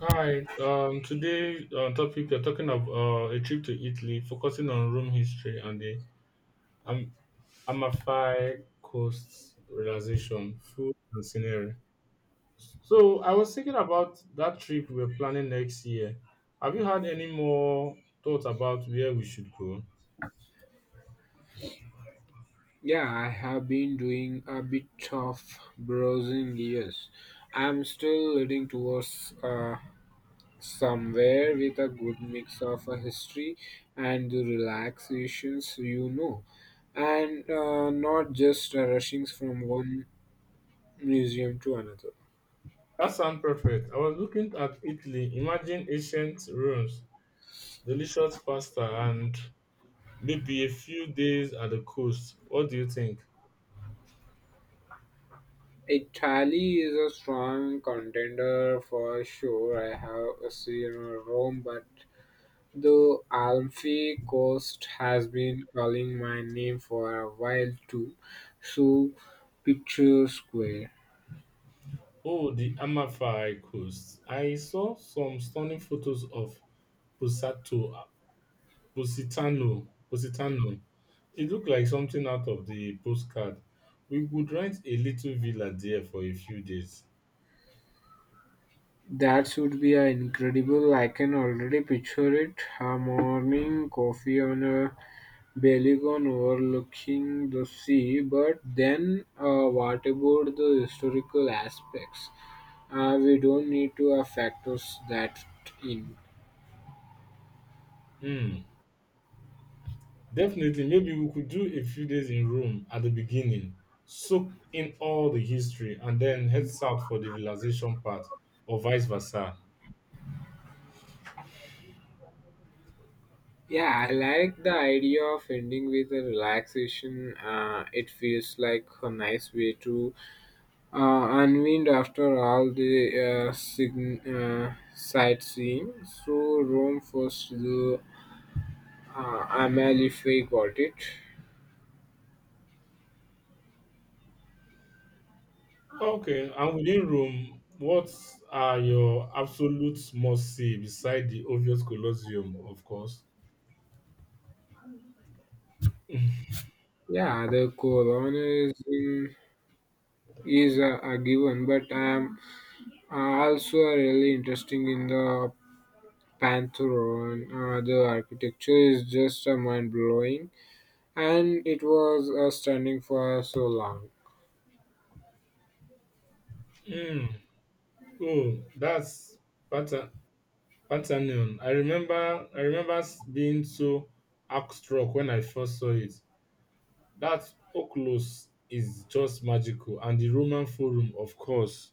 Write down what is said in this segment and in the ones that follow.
Hi, today on topic we're talking of a trip to Italy, focusing on Rome history and the Am- Amalfi Coast relaxation, food and scenery. So I was thinking about that trip we're planning next year. Have you had any more thoughts about where we should go? Yeah, I have been doing a bit of browsing, yes. I'm still leading towards somewhere with a good mix of a history and the relaxations, and not just rushing from one museum to another. That sounds perfect. I was looking at Italy. Imagine ancient ruins, delicious pasta, and maybe a few days at the coast. What do you think? Italy is a strong contender for sure. I have seen Rome, but the Alfie Coast has been calling my name for a while too, so picture square. Oh, the Amalfi Coast. I saw some stunning photos of Pusato, Positano. It looked like something out of the postcard. We could rent a little villa there for a few days. That should be a incredible. I can already picture it. A morning coffee on a balcony overlooking the sea. But then, what about the historical aspects? We don't need to factor that in. Hmm. Definitely, maybe we could do a few days in Rome at the beginning, soak in all the history, and then head south for the realization part, or vice versa. Yeah, I like the idea of ending with a relaxation. It feels like a nice way to unwind after all the sightseeing. So Rome first, the Amalfi, got it. Okay, and within Rome, what are your absolute must see beside the obvious Colosseum, of course? Yeah, the Corona is in, is a given, but I'm also really interested in the Pantheon. The architecture is just mind blowing and it was standing for so long. Hmm. Oh, that's Pata- Pantheon. I remember being so awestruck when I first saw it. That Oculus is just magical, and the Roman Forum, of course.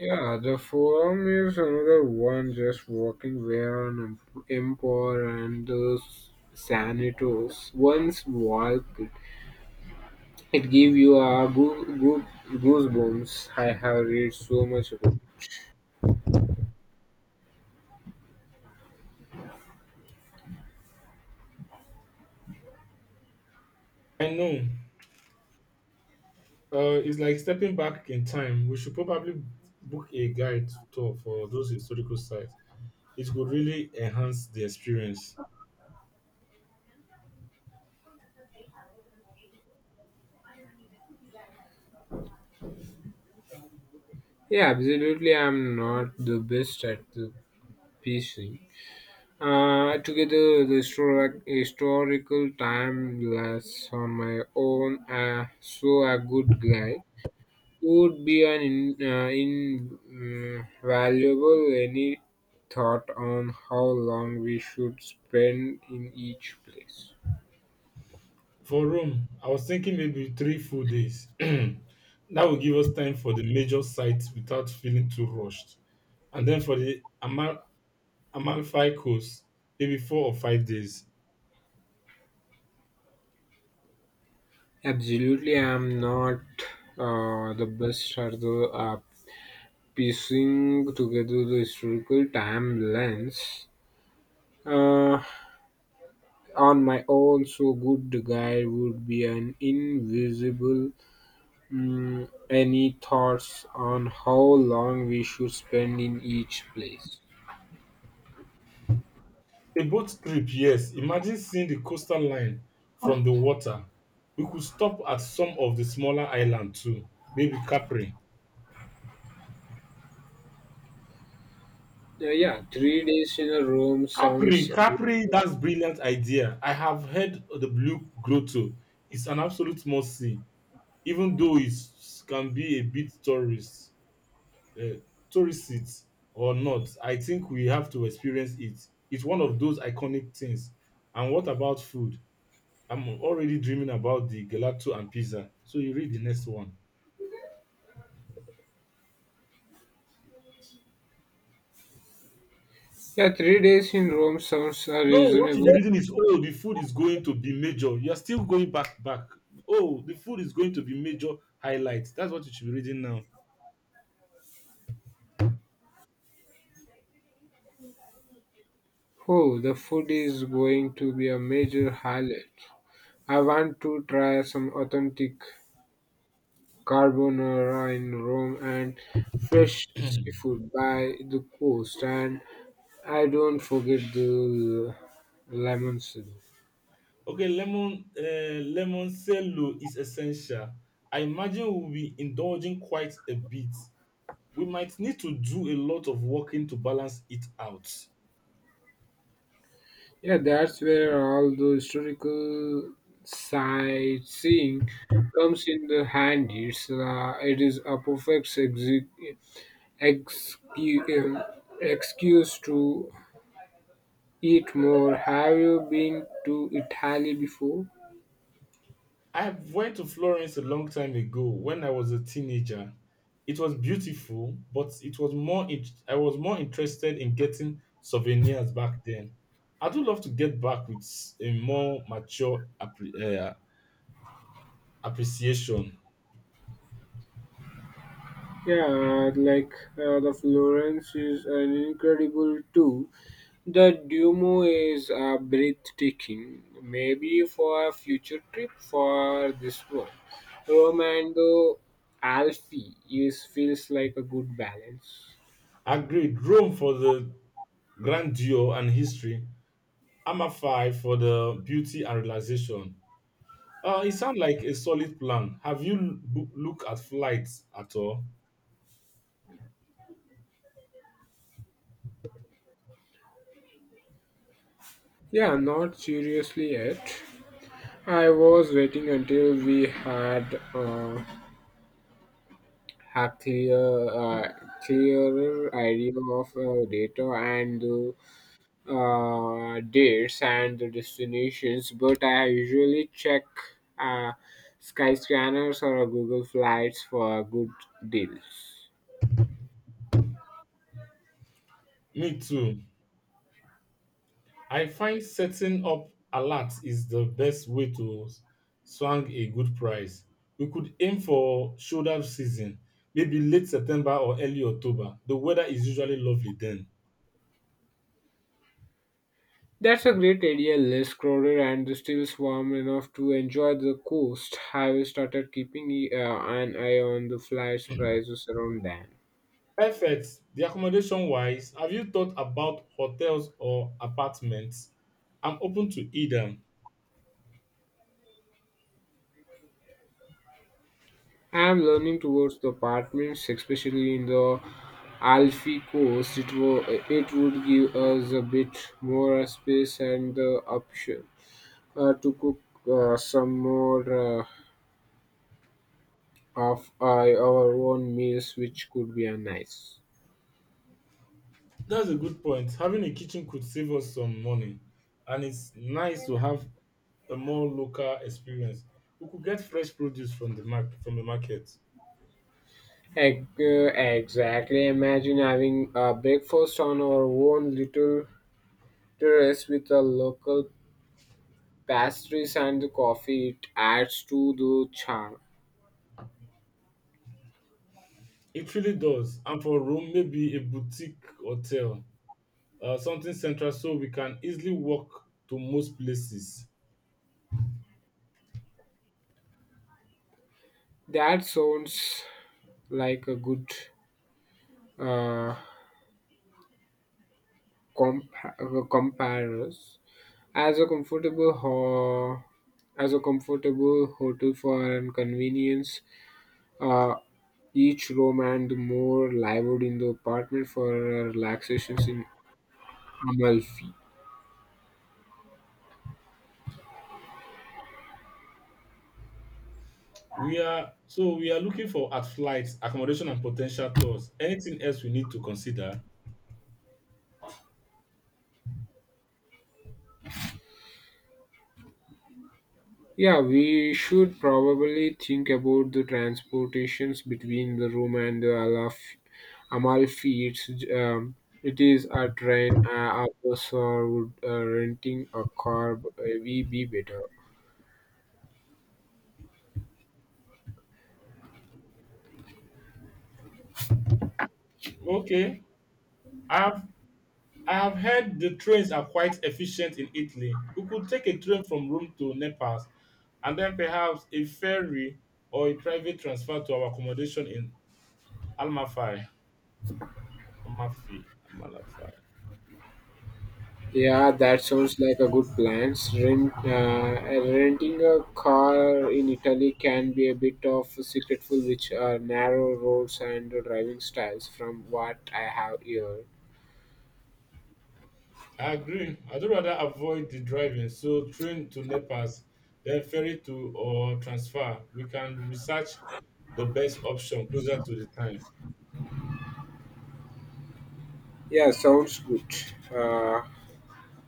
Yeah, the forum is another one, just walking where an emperor and those senators once walked. It gave you a goosebumps. I have read so much about. I know. It's like stepping back in time. We should probably book a guide tour for those historical sites. It could really enhance the experience. Yeah, absolutely. I'm not the best at the PC. Together the historical time glass on my own, so a good guy would be an invaluable. Any thought on how long we should spend in each place? For Rome, I was thinking maybe three full days. That will give us time for the major sites without feeling too rushed. And then for the Amalfi Coast, maybe four or five days. Absolutely, I am not the best at the piecing together the historical timelines uh, on my own. So, good guy would be an invisible. Mm, any thoughts on how long we should spend in each place? A boat trip, yes. Imagine seeing the coastal line from the water. We could stop at some of the smaller islands too, maybe Capri. Yeah, 3 days in a room Capri, sounds. Capri, that's brilliant idea. I have heard of the Blue Grotto. It's an absolute must see, even though it can be a bit uh, tourist it or not. I think we have to experience it. It's one of those iconic things. And what about food? I'm already dreaming about the gelato and pizza, so you read the next one. Yeah, 3 days in Rome sounds No, what you'll be reasonable. reading is oh the food is going to be major, you're still going back back oh the food is going to be major highlight. That's what you should be reading now. Oh, the food is going to be a major highlight. I want to try some authentic carbonara in Rome and fresh seafood by the coast, and I don't forget the lemon soup. Okay, lemon cello is essential. I imagine we'll be indulging quite a bit. We might need to do a lot of walking to balance it out. Yeah, that's where all the historical sightseeing comes in the handy. It is a perfect excu- um, excuse to eat more. Have you been to Italy before? I went to Florence a long time ago when I was a teenager. It was beautiful, but it was more in- I was more interested in getting souvenirs back then. I do love to get back with a more mature appreciation. Yeah, like the Florence is an incredible tour. The Duomo is a breathtaking, maybe for a future trip. For this one, Rome and the Alfi is feels like a good balance. Agreed. Rome for the grandeur and history, Amafai for the beauty and relaxation. It sounds like a solid plan. Have you looked at flights at all? Yeah, not seriously yet. I was waiting until we had a clearer idea of data and the dates and the destinations, but I usually check uh, Skyscanners or a Google Flights for good deals. Me too. I find setting up alerts is the best way to swing a good price. We could aim for shoulder season, maybe late September or early October. The weather is usually lovely then. That's a great idea, less crowded and still warm enough to enjoy the coast. I've started keeping an eye on the flights prices around then. Perfect. The accommodation wise, have you thought about hotels or apartments? I'm open to either. I'm learning towards the apartments, especially in the Alfie coast. It would give us a bit more space and the option to cook some more of our own meals, which could be a nice. That's a good point. Having a kitchen could save us some money, and it's nice to have a more local experience. We could get fresh produce from the market. Eg- uh, Exactly. Imagine having a breakfast on our own little terrace with the local pastries and the coffee. It adds to the charm. It really does. And for Rome, maybe a boutique hotel, something central, so we can easily walk to most places. That sounds like a good uh, compares as a comfortable as a comfortable hotel for and convenience. Uh, each room and more lived in the apartment for relaxations in Amalfi. We are looking for at flights, accommodation, and potential tours. Anything else we need to consider? Yeah, we should probably think about the transportations between the room and the Amalfi. It is a train, a bus, or would renting a car we be better? Okay, I have I have heard the trains are quite efficient in Italy. We could take a train from Rome to Naples and then perhaps a ferry or a private transfer to our accommodation in Almafi. Amalfi. Amalfi. Yeah, that sounds like a good plan. Renting a car in Italy can be a bit of a secretful, which are narrow roads and driving styles, from what I have heard. I agree. I'd rather avoid the driving, so train to Naples, then ferry to or transfer. We can research the best option closer to the time. Yeah, sounds good. Uh,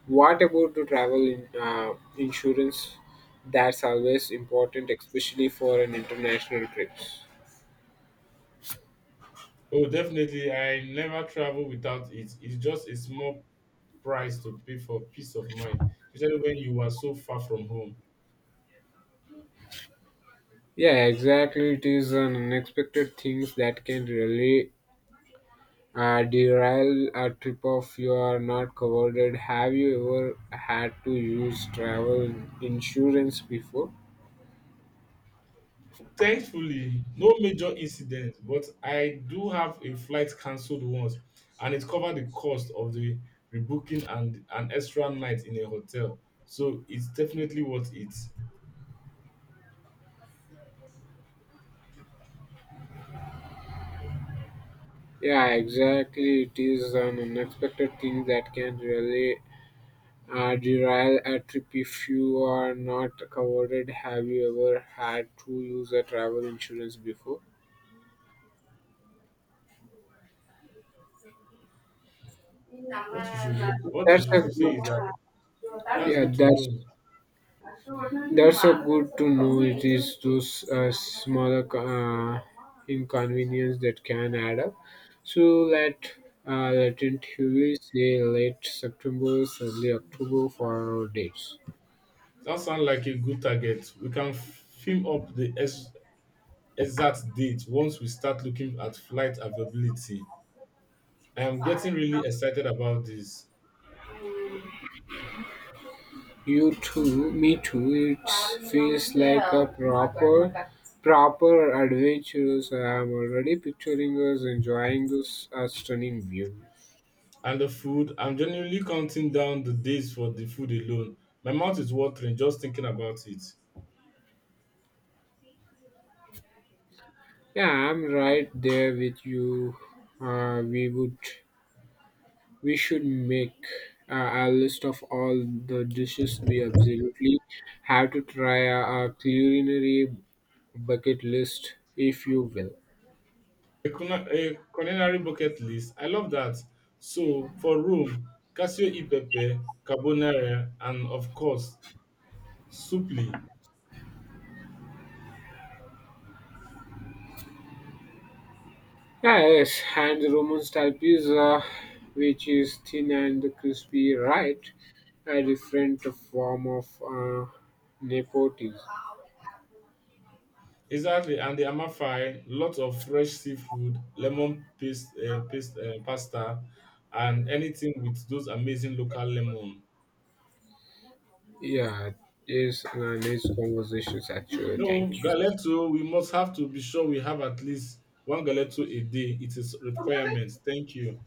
what about the travel insurance? That's always important, especially for an international trips. Oh, definitely. I never travel without it. It's just a small price to pay for peace of mind, especially when you are so far from home. Yeah, exactly. It is an unexpected things that can really derail a trip if you are not covered. Have you ever had to use travel insurance before? Thankfully, no major incidents, but I do have a flight cancelled once, and it covered the cost of the rebooking and an extra night in a hotel. So it's definitely worth it. Yeah, exactly. It is an unexpected thing that can really derail a trip if you are not covered. Have you ever had to use a travel insurance before? What you That's should a say good. is that that's Yeah, good to know. that's so good to know. It is those smaller inconvenience that can add up. So let let it we say late September, early October for our dates. That sounds like a good target. We can film up the exact date once we start looking at flight availability. I am getting really excited about this. You too, me too. It feels like a proper adventures. I'm already picturing us enjoying this stunning view. And the food, I'm genuinely counting down the days for the food alone. My mouth is watering just thinking about it. Yeah, I'm right there with you. Uh, we would We should make a list of all the dishes we absolutely have to try, a, culinary bucket list, if you will. A culinary bucket list, I love that. So, for Rome, Casio e pepe, carbonara, and of course, supli. Ah, yes, and the Roman style pizza, which is thin and crispy, right? A different form of nepotism. Exactly, and the amafai, lots of fresh seafood, lemon paste, paste pasta, and anything with those amazing local lemon. Yeah, it's a nice conversations actually. No, Thank you. Galetto, we must have to be sure we have at least one Galetto a day. It is requirement. Thank you.